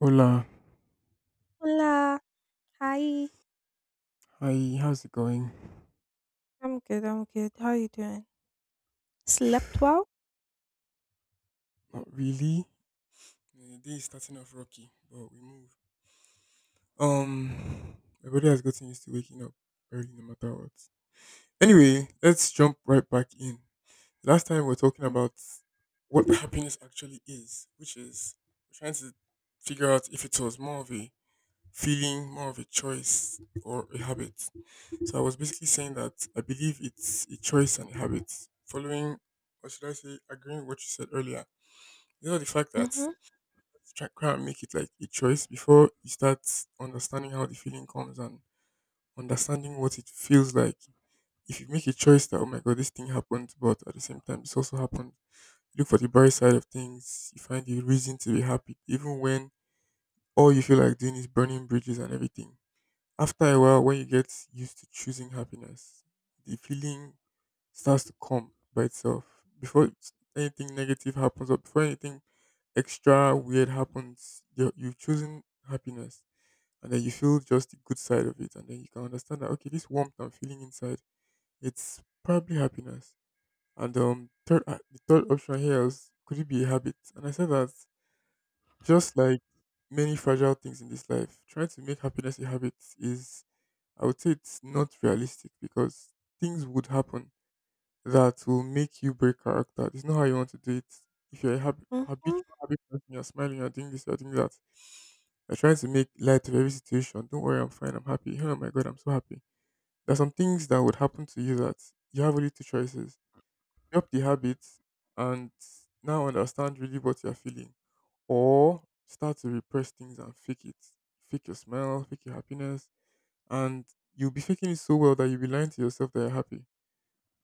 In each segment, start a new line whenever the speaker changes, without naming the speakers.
Hola,
Hola. Hi.
hi, how's it going?
I'm good, I'm good. How are you doing? Slept well?
Not really. The day is starting off rocky, but we move. Um, my body has gotten used to waking up early no matter what. Anyway, let's jump right back in. Last time we were talking
Mm-hmm.
about what happiness actually is, which is we're trying to figure out if it was more of a feeling, more of a choice, or a habit. So I was basically saying that I believe it's a choice and a habit. Following, or should I say, agreeing with what you said earlier, you know the fact that
Mm-hmm.
try and make it like a choice before you start understanding how the feeling comes and understanding what it feels like. If you make a choice that oh my god this thing happened, but at the same time this also happened, look for the bright side of things. You find the reason to be happy, even when all you feel like doing is burning bridges and everything. After a while, when you get used to choosing happiness, the feeling starts to come by itself. Before anything negative happens, or before anything extra weird happens, you've chosen happiness, and then you feel just the good side of it, and then you can understand that okay, this warmth I'm feeling inside, it's probably happiness. The third option here is, could it be a habit? And I said that just like many fragile things in this life, trying to make happiness a habit is, I would say, it's not realistic because things would happen that will make you break character. It's not how you want to do it. If you're a
Mm, mhm, mhm.
habitual happy person, you're smiling, you're doing this, you're doing that. You're trying to make light of every situation. Don't worry, I'm fine, I'm happy. Oh my god, I'm so happy. There's some things that would happen to you that you have only two choices. Drop the habits and now understand really what you're feeling. Or start to repress things and fake it. Fake your smile, fake your happiness. And you'll be faking it so well that you'll be lying to yourself that you're happy,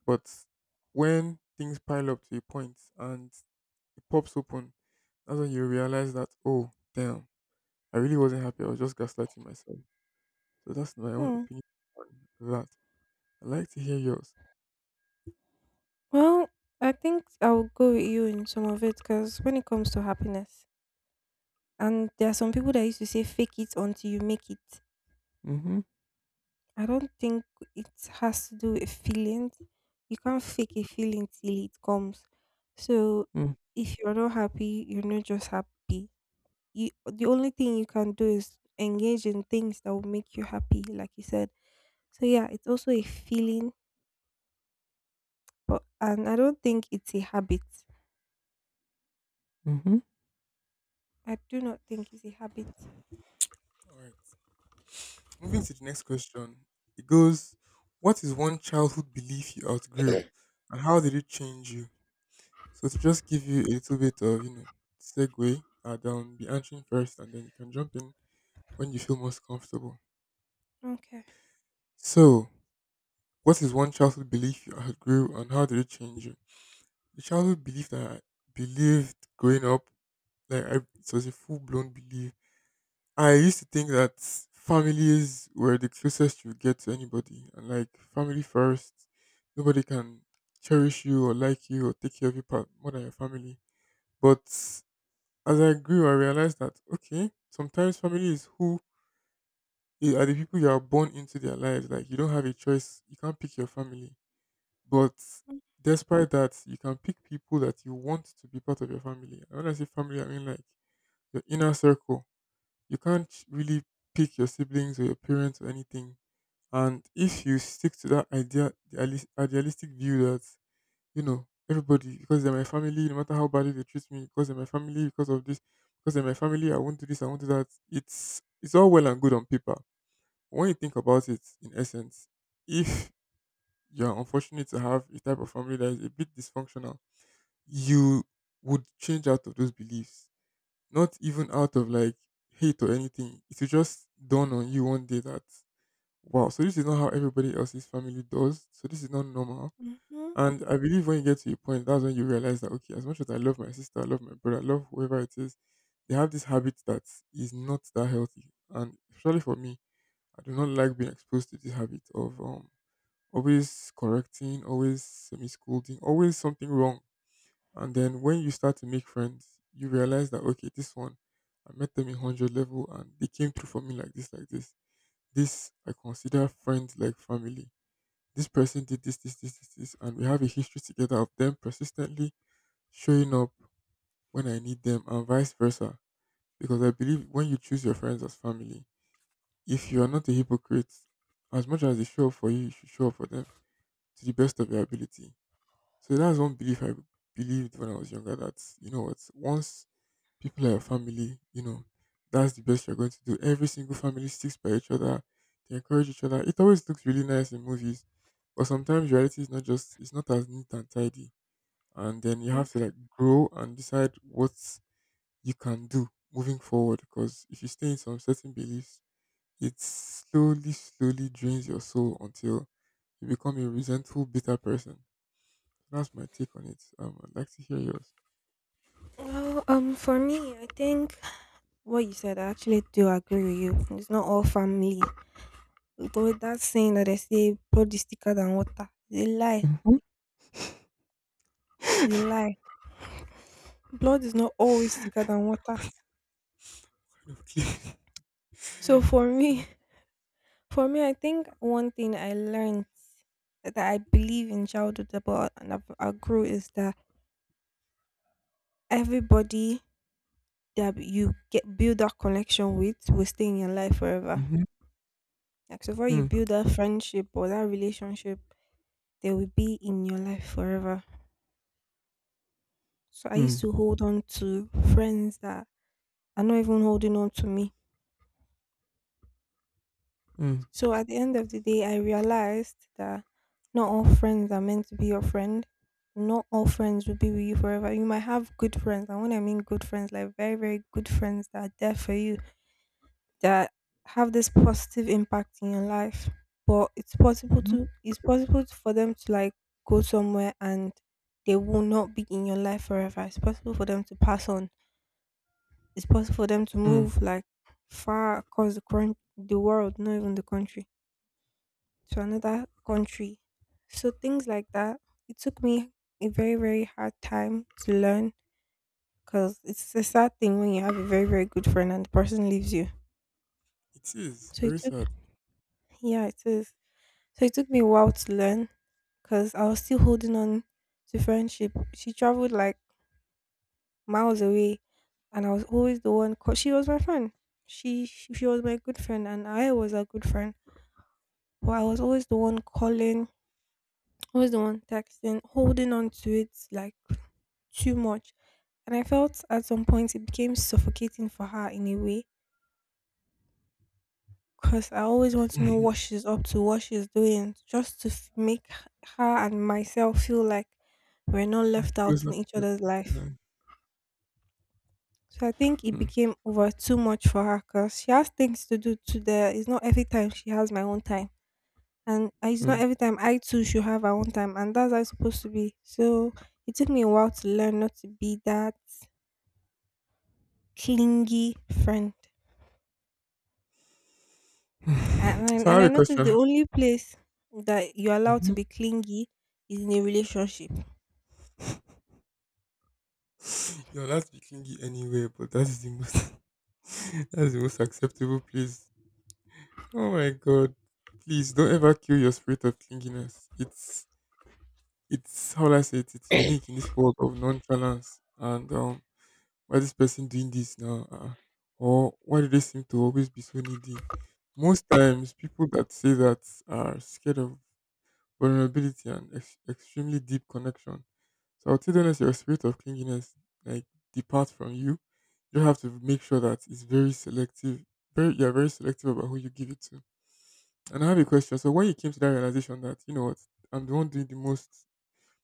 but when things pile up to a point and it pops open, that's when you realize that, oh, damn, I really wasn't happy. I was just gaslighting myself. So that's my own
Hmm.
opinion on that. I'd like to hear yours.
Well, I think I'll go with you in some of it, because when it comes to happiness, and there are some people that used to say fake it until you make it.
Mm-hmm.
I don't think it has to do with feelings. You can't fake a feeling till it comes. So if you're not happy, you're not just happy. You, the only thing you can do is engage in things that will make you happy, like you said. So yeah, it's also a feeling, but and I don't think it's a habit.
Mm-hmm.
I do not think it's a habit.
All right. Moving to the next question. It goes, what is one childhood belief you outgrew and how did it change you? So to just give you a little bit of, you know, segue, I'd be answering first and then you can jump in when you feel most comfortable.
Okay.
So, what is one childhood belief you had grew and how did it change you? The childhood belief that I believed growing up, like, it was a full blown belief. I used to think that families were the closest you get to anybody, and like family first. Nobody can cherish you or like you or take care of you more than your family. But as I grew, I realized that okay, sometimes family is who are the people you are born into their lives. Like you don't have a choice. You can't pick your family. But despite that, you can pick people that you want to be part of your family. And when I say family, I mean like your inner circle. You can't really pick your siblings or your parents or anything. And if you stick to that idea, the idealistic view that, you know, everybody, because they're my family, no matter how badly they treat me, because they're my family, because of this, because they're my family, I won't do this, I won't do that. It's all well and good on paper. When you think about it, in essence, if you're unfortunate to have a type of family that is a bit dysfunctional, you would change out of those beliefs. Not even out of like hate or anything. It will just dawn on you one day that, wow, so this is not how everybody else's family does. So this is not normal.
Mm-hmm.
And I believe when you get to a point, that's when you realize that, okay, as much as I love my sister, I love my brother, I love whoever it is, they have this habit that is not that healthy. And especially for me, I do not like being exposed to this habit of always correcting, always semi scolding, always something wrong. And then when you start to make friends, you realize that okay, this one, I met them in 100 level and they came through for me like this, like this. This I consider friends like family. This person did this, this, this, this, this, and we have a history together of them persistently showing up when I need them and vice versa. Because I believe when you choose your friends as family, if you are not a hypocrite, as much as they show up for you, you should show up for them to the best of your ability. So that's one belief I believed when I was younger, that, you know what, once people are a family, you know, that's the best you're going to do. Every single family sticks by each other, they encourage each other. It always looks really nice in movies, but sometimes reality is not just, it's not as neat and tidy. And then you
Mm.
have to like grow and decide what you can do moving forward. Because if you stay in some certain beliefs, it slowly, slowly drains your soul until you become a resentful, bitter person. That's my take on it. I'd like to hear yours.
Well, for me, I think what you said, I actually do agree with you. It's not all family. But that saying that they say blood is thicker than water, it's a lie.
Mhm.
It's a lie. Blood is not always thicker than water.
Okay.
So for me, for me, I think one thing I learned that I believe in childhood about and I grew is that everybody that you get build that connection with will stay in your life forever.
Mhm.
Like so far you
Mm,
build that friendship or that relationship, they will be in your life forever. So I used
mm,
to hold on to friends that are not even holding on to me.
mm,
So at the end of the day I realized that not all friends are meant to be your friend. Not all friends will be with you forever. You might have good friends, and when I mean good friends, like very, very good friends that are there for you that have this positive impact in your life, but
mhm,
it's possible for them to like go somewhere, and they will not be in your life forever. It's possible for them to pass on. It's possible for them to
mm.
move like far across the current, the world, not even the country, to another country. So things like that, it took me a very, very hard time to learn, because it's a sad thing when you have a very, very good friend and the person leaves you.
It is
So it
very
took,
sad.
yeah, it is. So it took me a while to learn, because I was still holding on to friendship. She traveled like miles away, and I was always the one. Cause she was my friend. She was my good friend, and I was a good friend. But I was
Mm.
always the one calling, always the one texting, holding on to it like too much. And I felt at some point it became suffocating for her in a way. Cause I always want to know what she's up to, what she's doing, just to make her and myself feel like we're not
Yeah,
left out
closer
in each other's
together.
life.
Yeah.
So I think it became over too much for her, because she has things to do to there. It's not every time she has my own time. And it's
Mm,
not
mm.
every time I too should have our own time. And that's how it's supposed to be. So it took me a while to learn not to be that clingy friend. And, and
So I
and
have
I
a
noticed the
question.
only place that you're allowed to
Mhm.
be clingy is in a relationship.
You're allowed to be clingy anywhere, but that is the most, that is the most acceptable place. Oh my god. Please don't ever kill your spirit of clinginess. It's, how will I say it, it's unique in this world of nonchalance. And why this person doing this now? Or why do they seem to always be so needy? Most times, people that say that are scared of vulnerability and extremely deep connection. So I'll tell them, as your spirit of clinginess like depart from you, you have to make sure that it's very selective. You're very selective about who you give it to. And I have a question. So when you came to that realization that, you know what, I'm the one doing the most,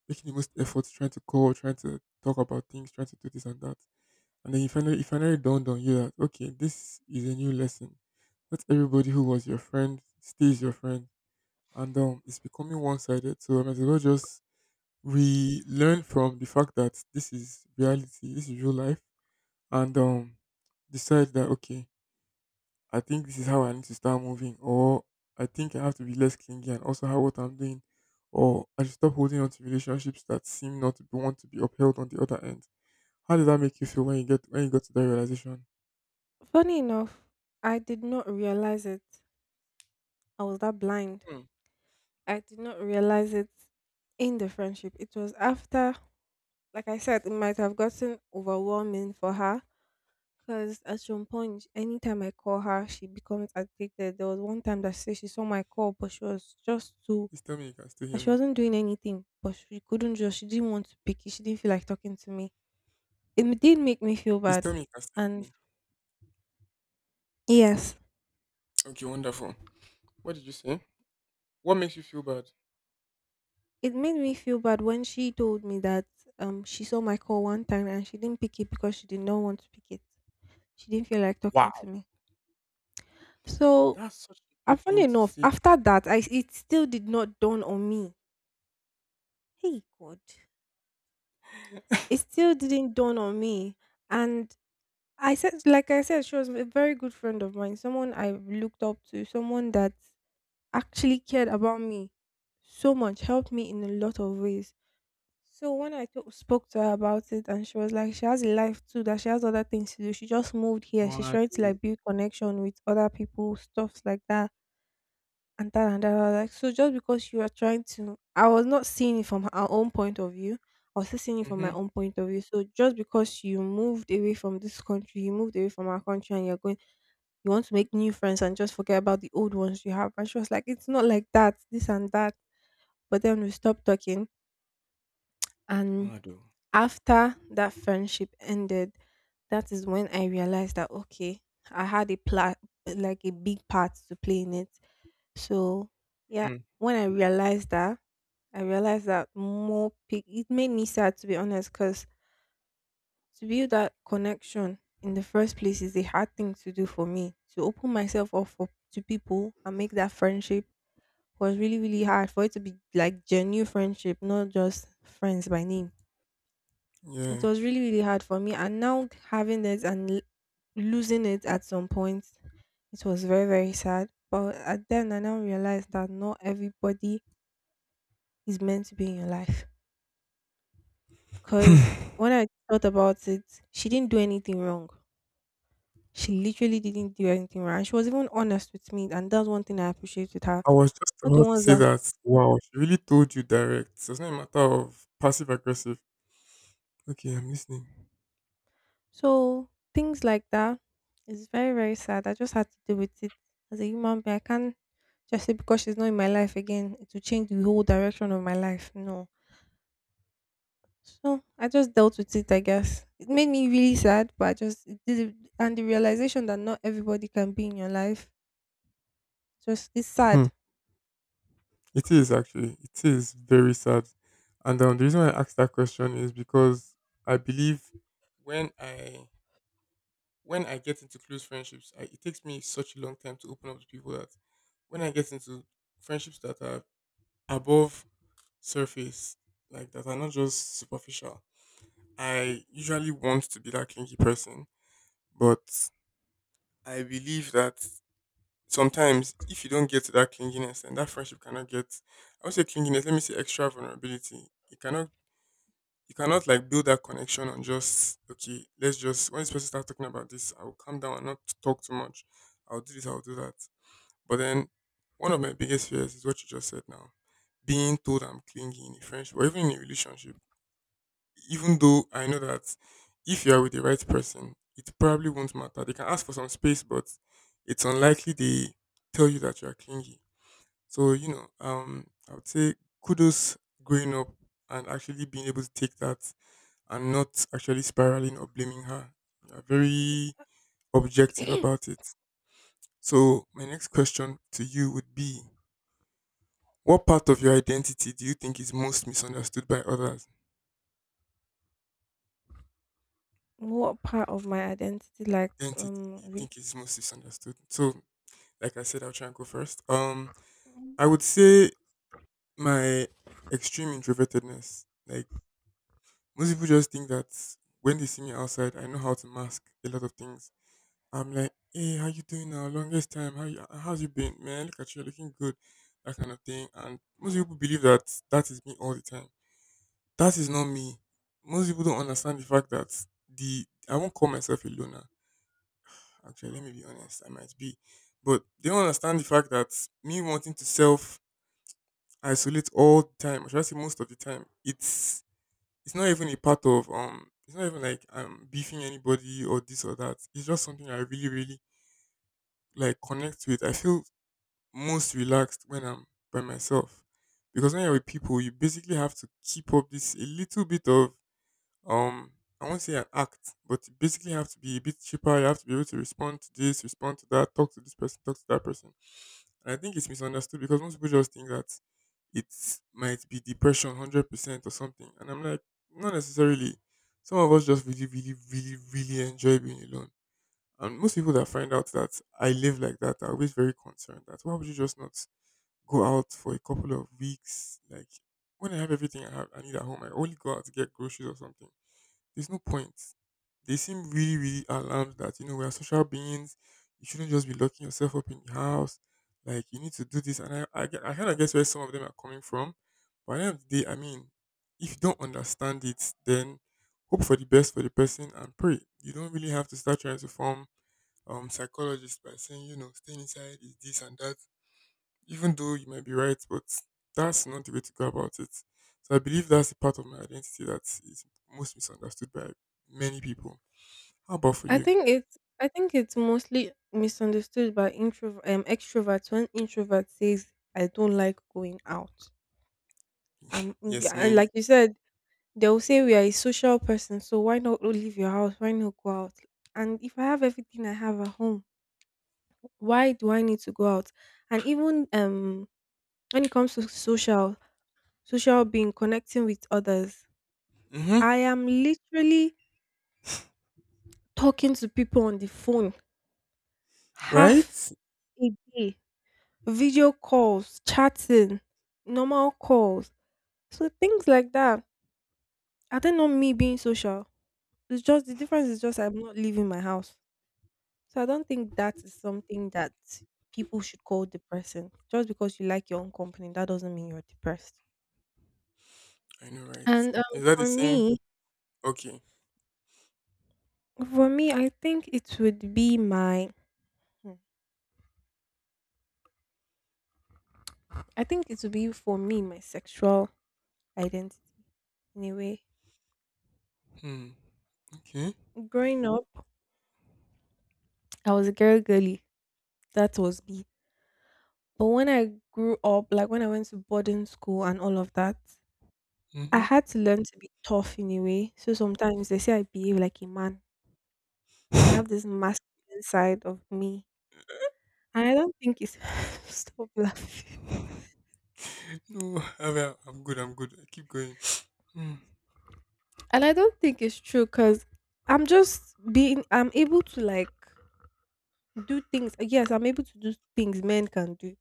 making the most effort, trying to call, trying to talk about things, trying to do this and that, and then you finally, it finally dawned on you that, okay, this is a new lesson. Not everybody who was your friend stays your friend. And it's becoming one sided. So I might as well just, we learn from the fact that this is reality, this is real life, and decide that, okay, I think this is how I need to start moving, or I think I have to be less clingy, and also how, what I'm doing, or I should stop holding on to relationships that seem not to be, want to be upheld on the other end. How did that make you feel when you get, when you got to that realization?
Funny enough, I did not realize it. I was that blind.
Hmm.
I did not realize it in the friendship. It was after, like I said, it might have gotten overwhelming for her, because at some point, anytime I call her, she becomes addicted. There was one time that she said she saw my call, but she was just too,
Please tell me you can still
that
hear
she
me.
wasn't doing anything, but she couldn't just, she didn't want to pick it. She didn't feel like talking to me. It did make me feel
Please
bad.
tell me you can still hear
And
me.
yes.
Okay, wonderful. What did you say? What makes you feel bad?
It made me feel bad when she told me that she saw my call one time and she didn't pick it because she did not want to pick it. She didn't feel like talking to
Wow,
me. So,
that's such a good thing
funny
to
enough,
say.
after that, I it still did not dawn on me. Hey God, it still didn't dawn on me. And I said, like I said, she was a very good friend of mine, someone I looked up to, someone that actually cared about me so much, helped me in a lot of ways. So when I spoke to her about it, and she was like, she has a life too, that she has other things to do. She just moved here. She's trying to
Mado.
like build connection with other people, stuffs like that, and that and that. I was like, so, just because you are trying to, I was not seeing it from her own point of view. I was still seeing it from my
Mm-hmm.
own point of view. So just because you moved away from this country, you moved away from our country, and you're going, you want to make new friends and just forget about the old ones you have. And she was like, it's not like that, this and that. But then we stopped talking, and
Mado.
after that friendship ended, that is when I realized that okay, I had like a big part to play in it. So yeah,
Mm.
when I realized that it made me sad, to be honest, because to build that connection in the first place is a hard thing to do for me. To open myself up for to people and make that friendship was really, really hard for it to be like genuine friendship, not just friends by name. It
Yeah.
was really, really hard for me, and now having it and losing it at some point, it was very, very sad. But at then I now realized that not everybody is meant to be in your life, because when I thought about it, she didn't do anything wrong. She literally didn't do anything wrong, and she was even honest with me, and that's one thing I appreciate with her.
I was just
Not the
about to
ones
say
that.
that. Wow, she really told you direct. So it's not a matter of passive aggressive. Okay, I'm listening.
So things like that is very, very sad. I just had to deal with it as a human being. I can't just say because she's not in my life again, it will change the whole direction of my life. No. So I just dealt with it, I guess. It made me really sad, but I just and the realization that not everybody can be in your life, just it's
Hmm.
sad.
It is actually. It is very sad. And the reason why I asked that question is because I believe when I when I get into close friendships, it takes me such a long time to open up to people that when I get into friendships that are above surface, like that are not just superficial, I usually want to be that clingy person. But I believe that sometimes if you don't get to that clinginess, and that friendship cannot get, I would say clinginess, let me say extra vulnerability. It cannot You cannot like build that connection on just, okay, let's just, when this person starts talking about this, I will calm down and not talk too much. I'll do this. I'll do that. But then one of my biggest fears is what you just said now. Being told I'm clingy in a friendship or even in a relationship, even though I know that if you are with the right person, it probably won't matter. They can ask for some space, but it's unlikely they tell you that you are clingy. So I would say kudos growing up and actually being able to take that and not actually spiraling or blaming her. You are very objective about it. So, my next question to you would be, what part of your identity do you think is most misunderstood by others?
What part of my identity like
Identity you
really.
think is most misunderstood? So, like I said, I'll try and go first. I would say my extreme introvertedness. Like, most people just think that when they see me outside, I know how to mask a lot of things. I'm like, hey, how you doing now? Longest time. How's you been, man? Look at you, you're looking good. That kind of thing. And most people believe that that is me all the time. That is not me. Most people don't understand the fact that the I won't call myself a loner. Actually, let me be honest. I might be, but they don't understand the fact that me wanting to self isolate all the time, or should I say most of the time, it's not even a part of. It's not even like I'm beefing anybody or this or that. It's just something I really, really like connect with. I feel most relaxed when I'm by myself. Because when you're with people, you basically have to keep up this a little bit of um I won't say an act, but you basically have to be a bit cheaper. You have to be able to respond to this, respond to that, talk to this person, talk to that person. And I think it's misunderstood because most people just think that it might be depression 100% or something. And I'm like, not necessarily. Some of us just really, really, really, really enjoy being alone. And most people that find out that I live like that are always very concerned that why would you just not go out for a couple of weeks. Like when I have everything I have, I need at home, I only go out to get groceries or something. There's no point. They seem really, really alarmed that you know we are social beings. You shouldn't just be locking yourself up in the house. Like you need to do this, and I kind of guess where some of them are coming from. But at the end of the day, I mean, if you don't understand it, then hope for the best for the person and pray. You don't really have to start trying to form psychologists by saying you know staying inside is this and that, even though you might be right, but that's not the way to go about it. So I believe that's a part of my identity that is most misunderstood by many people. How about for you?
I think it's mostly misunderstood by introvert extroverts when introvert says I don't like going out.
Yes,
Yeah, and
mainly.
like you said, they'll say we are a social person, so why not leave your house? Why not go out? And if I have everything I have at home, why do I need to go out? And even when it comes to social being connecting with others,
Mm-hmm.
I am literally talking to people on the phone
Right?
half a day, video calls, chatting, normal calls. So things like that. I think not me being social. It's just the difference is just I'm not leaving my house. So I don't think that is something that people should call depressing. Just because you like your own company, that doesn't mean you're depressed.
I know, right?
And
Is that the
for
same?
me,
Okay.
for me, I think it would be my, hmm, I think it would be for me my sexual identity. Anyway,
Hmm. Okay.
growing up, I was a girl girly. That was me. But when I grew up, like when I went to boarding school and all of that, I
Mm-hmm.
had to learn to be tough in a way. So sometimes they say I behave like a man. I have this masculine side of me. And I don't think it's stop laughing.
No, I mean, I'm good. I'm good. I keep going. Hmm.
And I don't think it's true, because I'm just being I'm able to like do things. Yes, I'm able to do things men can do.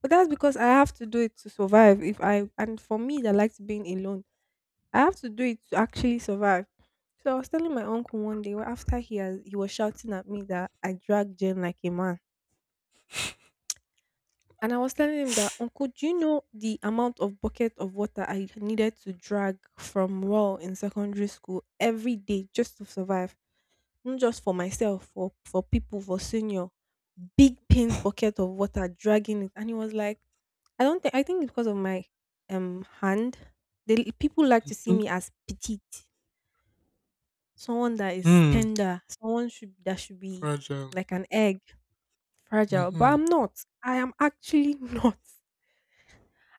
But that's because I have to do it to survive. If I and for me that likes being alone. I have to do it to actually survive. So I was telling my uncle one day, well, after he has, he was shouting at me that I dragged Jen like a man. And I was telling him that, Uncle, do you know the amount of bucket of water I needed to drag from raw in secondary school every day just to survive? Not just for myself, for people, for senior. Big paint bucket of water dragging it. And he was like, I don't think I think because of my hand, they people like to see
Mm-hmm.
me as petite, someone that is
Hmm.
tender, someone should that should be
Fragile.
like an egg, fragile. But
Mm-hmm.
I'm not. I am actually not.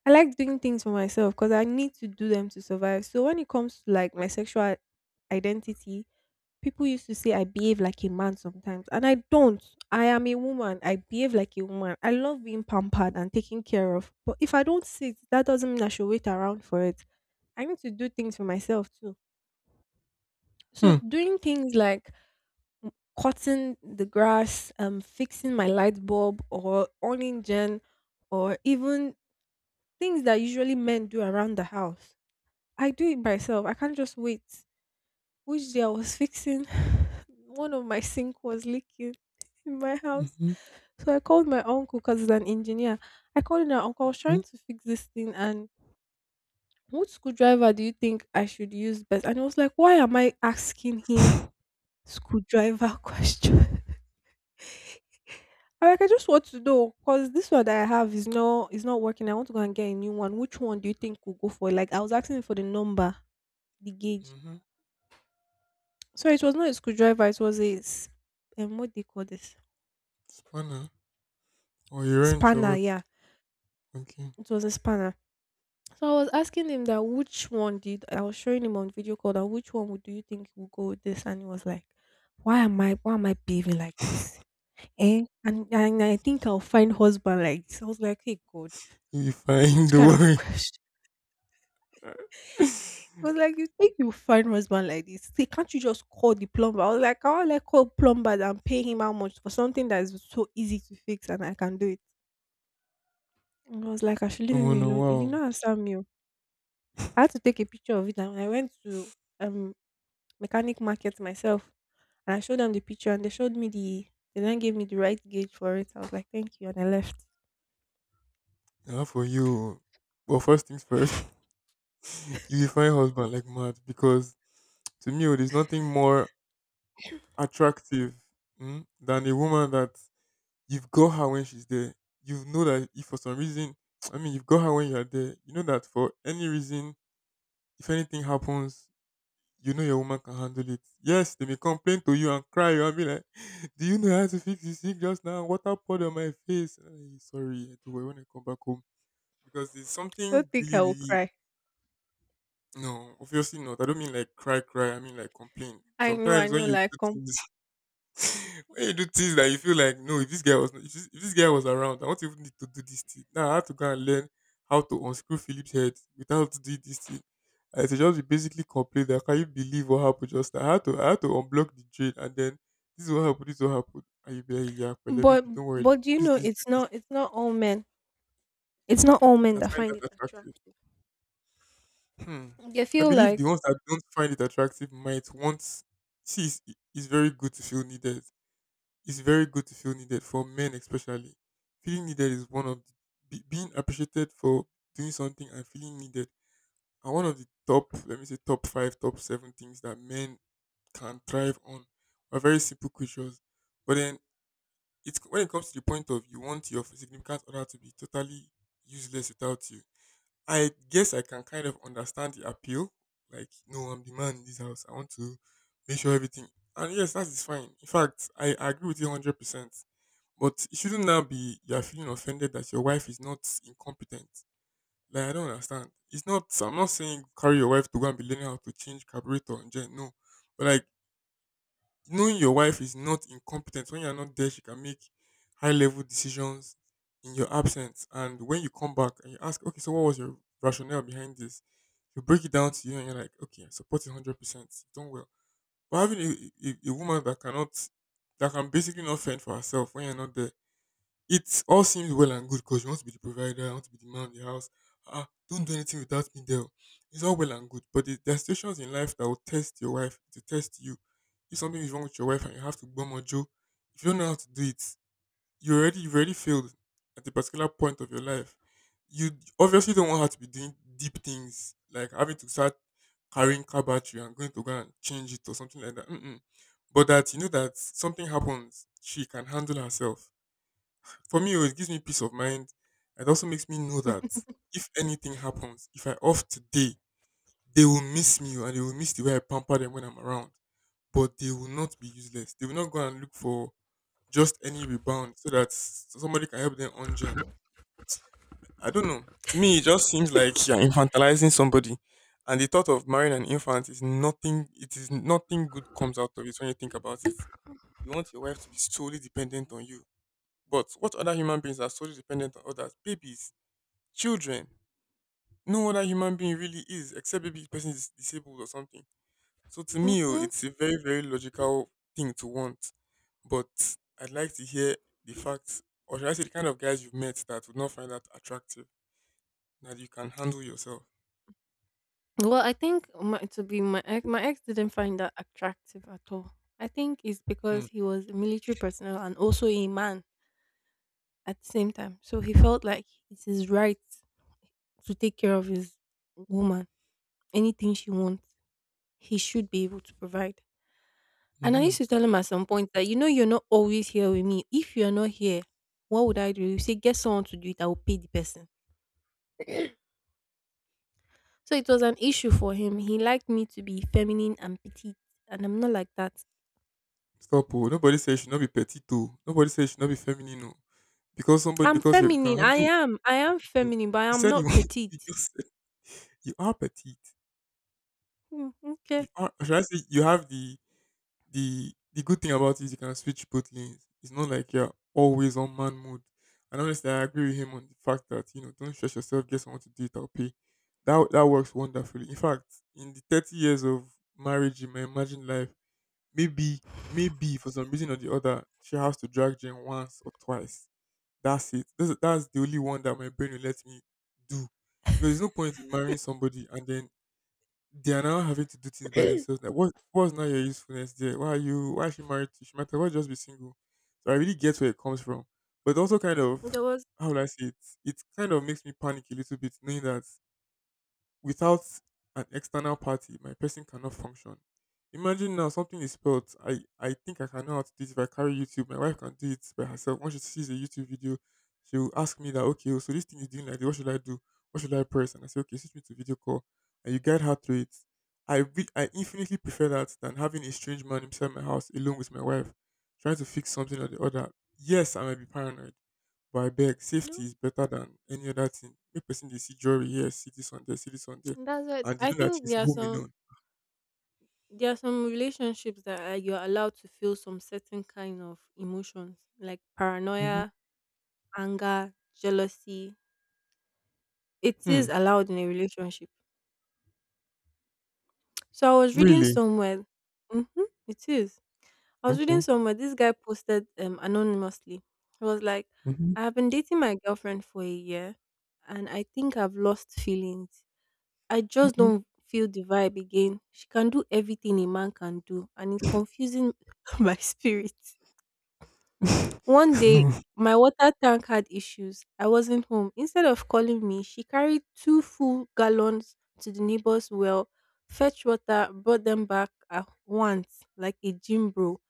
I like doing things for myself because I need to do them to survive. So when it comes to like my sexual identity, people used to say I behave like a man sometimes, and I don't. I am a woman. I behave like a woman. I love being pampered and taken care of. But if I don't sit, that doesn't mean I should wait around for it. I need to do things for myself too. So
Hmm.
doing things like m- cutting the grass, fixing my light bulb, or owning gen, or even things that usually men do around the house. I do it myself. I can't just wait. Which day I was fixing, one of my sink was leaking in my house.
Mm-hmm.
So I called my uncle because he's an engineer. I called in my uncle, I was
Hmm.
trying to fix this thing and what screwdriver do you think I should use best? And I was like, why am I asking him screwdriver questions? I like, I just want to know because this one that I have is not working. I want to go and get a new one. Which one do you think will go for it? Like I was asking for the number, the gauge.
Mm-hmm.
So it was not a screwdriver. It was a what do you call this?
Spanner, or your wrench or
Spanner.
what?
Yeah,
Okay.
it was a spanner. So I was asking him that which one did I was showing him on video call that which one would do you think will go with this? And he was like, why am I behaving like this? Eh? And I think I'll find husband like this. I was like, hey God,
You fine,
which
don't
kind of
worry.
question? He was like, "You think you find husband like this? See, can't you just call the plumber?" I was like, "How will I call plumber and pay him how much for something that is so easy to fix and I can do it?" And I was like, "I should leave him
Oh no,
alone." He did
wow.
not answer me. Oh. I had to take a picture of it, and I went to um mechanic market myself, and I showed them the picture, and they showed me the. They then gave me the right gauge for it. I was like, "Thank you," and I left.
Now for you. Well, first things first, you will find husband like mad because to me, oh, there's nothing more attractive, mm, than a woman that you've got her when she's there. You know that if for some reason, I mean, you've got her when you're there. You know that for any reason, if anything happens, you know your woman can handle it. Yes, they may complain to you and cry you and be like, do you know how to fix this thing just now? Water poured on my face. "Eh, sorry, I do but when I come back home." Because there's
Don't
something
think
really,
I will
really.
cry.
No, obviously not. I don't mean like cry, cry, I mean like complain.
I
Sometimes when
know,
you
like,
do things, when you do things that you feel like, no, if this guy was around, I won't even need to do this thing. Now I have to go and learn how to unscrew Philip's head without doing this thing. I to just basically complain that can you believe what happened just now? I had to unblock the drain and then this is what happened, this is what happened. And you be like, yeah, but let me
but
be, don't worry,
but do you
use
know,
this, do
it's
this.
not, it's not all men. It's not all
And
men
I
that
find
find
that
it
attractive.
attractive.
Hmm.
They
I
feel
believe
like,
the ones that don't find it attractive might want, see it's very good to feel needed. It's very good to feel needed for men especially. Feeling needed is one of the, being appreciated for doing something and feeling needed are one of the top, let me say top five, top seven things that men can thrive on. We're very simple creatures, but then it's when it comes to the point of you want your significant other to be totally useless without you. I guess I can kind of understand the appeal. Like, no, I'm the man in this house. I want to make sure everything. And yes, that is fine. In fact, I agree with you 100%, but it shouldn't now be you're feeling offended that your wife is not incompetent. Like I don't understand. It's not I'm not saying carry your wife to go and be learning how to change carburetor and gen, no. But like knowing your wife is not incompetent when you're not there, she can make high level decisions in your absence. And when you come back and you ask, okay, so what was your rationale behind this? You break it down to you and you're like, okay, I support it 100%. You've done well. But having a woman that cannot that can basically not fend for herself when you're not there, it all seems well and good because you want to be the provider, you want to be the man of the house. Ah, don't do anything without me, there. It's all well and good, but there are situations in life that will test your wife to test you. If something is wrong with your wife and you have to bomb or Joe, if you don't know how to do it, you've already failed at a particular point of your life. You obviously don't want her to be doing deep things like having to start carrying car battery and going to go and change it or something like that. Mm-mm. But that you know that something happens, she can handle herself. For me, oh, it gives me peace of mind. It also makes me know that if anything happens, if I off today, they will miss me, oh, and they will miss the way I pamper them when I'm around. But they will not be useless. They will not go and look for just any rebound so that somebody can help them ungen. I don't know. To me, it just seems like you're infantilizing somebody. And the thought of marrying an infant is nothing. It is nothing good comes out of it when you think about it. You want your wife to be solely dependent on you. But what other human beings are solely dependent on others? Babies. Children. No other human being really is, except maybe the person is disabled or something. So to me, oh,
hmm.
it's a very, very logical thing to want, but I'd like to hear the facts, or should I say the kind of guys you've met that would not find that attractive, that you can handle yourself.
Well, I think my, to be my ex didn't find that attractive at all. I think it's
Hmm.
because he was a military personnel and also a man at the same time. So he felt like it's his right to take care of his woman. Anything she wants, he should be able to provide. And I
Mm-hmm.
used to tell him at some point that, you know, you're not always here with me. If you're not here, what would I do? You say, get someone to do it. I will pay the person. So it was an issue for him. He liked me to be feminine and petite, and I'm not like that.
Stop, oh. Nobody says you should not be petite, oh. Nobody says you should not be feminine, oh. Because somebody,
I'm
because you can
feminine. I
handle,
am. I am
you
feminine, but
you
I'm
said you,
not
you
petite.
just said you are petite.
Hmm,
You
okay.
are, should I say, you have the good thing about it is you can switch both lanes. It's not like you're always on man mode. And honestly, I agree with him on the fact that you know don't stress yourself. Get someone to do it. I'll pay. That that works wonderfully. In fact, in the 30 years of marriage in my imagined life, maybe, maybe for some reason or the other, she has to drag Jen once or twice. That's it. That's the only one that my brain will let me do, because there's no point in marrying somebody and then they are now having to do things by themselves. Like what what's now your usefulness there? Why are you why is she married to? She might as well just be single. So I really get where it comes from. But also kind of
There was
how will I say it? It kind of makes me panic a little bit knowing that without an external party, my person cannot function. Imagine now something is spelled. I think I can know how to do it if I carry YouTube. My wife can do it by herself. Once she sees a YouTube video, she will ask me that, okay, oh, so this thing is doing like this. What should I do? What should I press? And I say, okay, switch me to video call. And you guide her through it. I infinitely prefer that than having a strange man inside my house alone with my wife trying to fix something or the other. Yes, I might be paranoid, but I beg, safety
no.
is better than any other thing. Make person they see jewelry here, see this one there, see this one there,
That's it.
and they
I
know that
think
she's home alone.
there are some relationships that are, you're allowed to feel some certain kind of emotions like
Mm-hmm.
paranoia, anger, jealousy. It
Hmm.
is allowed in a relationship. So I was reading
Really?
somewhere. Mm-hmm, it is. I was reading
Okay.
somewhere this guy posted anonymously. He was like,
Mm-hmm.
I have been dating my girlfriend for a year and I think I've lost feelings. I just
Mm-mm.
don't feel the vibe again. She can do everything a man can do and it's confusing my spirit. One day
No.
my water tank had issues. I wasn't home. Instead of calling me, she carried two full gallons to the neighbor's well, fetched water, brought them back at once like a gym bro.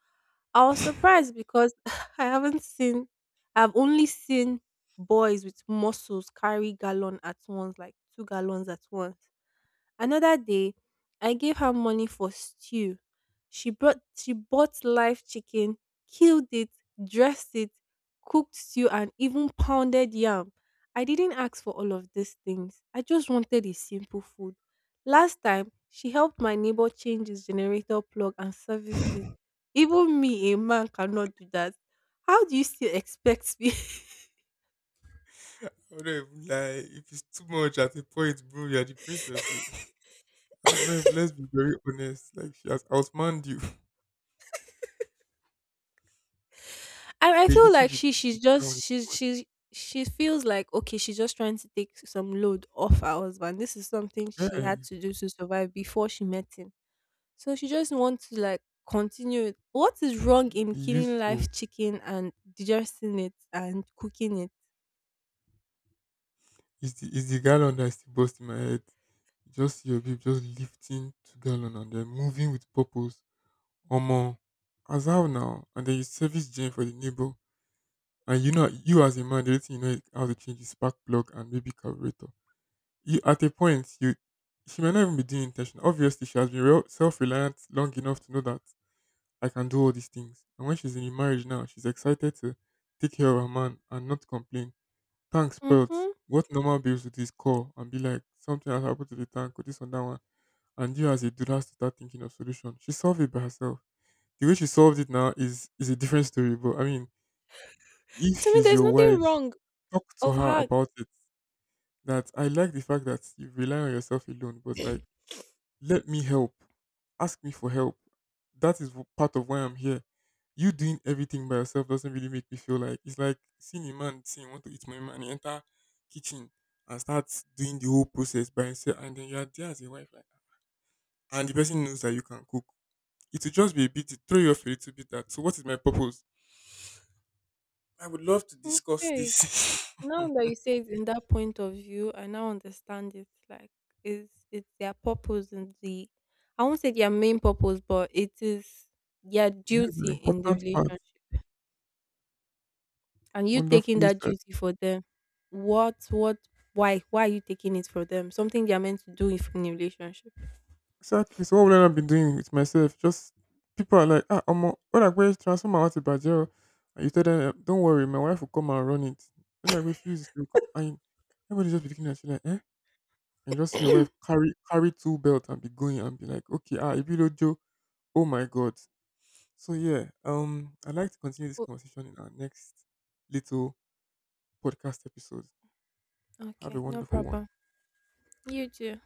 I was surprised because I haven't seen I've only seen boys with muscles carry gallon at once, like 2 gallons at once. Another day, I gave her money for stew. She bought live chicken, killed it, dressed it, cooked stew and even pounded yam. I didn't ask for all of these things. I just wanted a simple food. Last time, she helped my neighbor change his generator plug and serviced it. Even me, a man, cannot do that. How do you still expect me?
I don't even lie. If it's too much at a point, bro, you're the princess. So I'm not even, let's be very honest. Like, she has outmanned you
I I
a
feel
little
like
bit.
she she's
That one
just
is too
she's
much.
she's she feels like okay she's just trying to take some load off her husband. This is something
Yeah,
she had to do to survive before she met him. So she just wants to like continue it. What is wrong in
be
killing
useful.
live chicken and digesting it and cooking it?
Is the gallon that's the bust in my head. Just your babe just lifting to gallon and then moving with purpose. Omo, as how now, and then you service gen for the neighbor, and you know you as a man, the only thing you know how to change is spark plug and maybe carburetor. You at a point you she might not even be doing intention. Obviously, she has been real self reliant long enough to know that I can do all these things. And when she's in a marriage now, she's excited to take care of her man and not complain. Tank spoiled.
Mm-hmm.
What normal babes would this call and be like, something has happened to the tank or this and that one. And you as a dude has to start thinking of solution. She solved it by herself. The way she solved it now is a different story. But I mean, if
To me,
she's
there's
your
nothing
wife,
wrong
talk to
of
her
her.
about it. That I like the fact that you rely on yourself alone, but like, let me help. Ask me for help. That is part of why I'm here. You doing everything by yourself doesn't really make me feel like it's like seeing a man saying "I want to eat my man, he enter kitchen and start doing the whole process by himself, and then you're there as a wife, like, and the person knows that you can cook. It will just be a bit throw you off a little bit. That so, what is my purpose? I would love to discuss
Okay.
this.
Now that you say it in that point of view, I now understand it. Like it's their purpose and the I won't say their main purpose, but it is their
Yes, an
duty in the
important part.
relationship. And you taking
Wonderfully
that
said.
duty for them, what why are you taking it for them? Something they are meant to do if in a relationship.
Exactly. So what would I not be doing with myself? Just people are like, ah, Omo, what like where transform out to Bajel? And you tell them, "Eh, don't worry, my wife will come and run it. They like refuse to come. And everybody just be looking at you like, eh? And you just see your wife carry two belt and be going and be like, okay, ah, Ibilo Joe. Oh my God. So yeah, I'd like to continue this
Oh,
conversation in our next little podcast episode. Have a
okay, no
wonderful one.
problem. You too.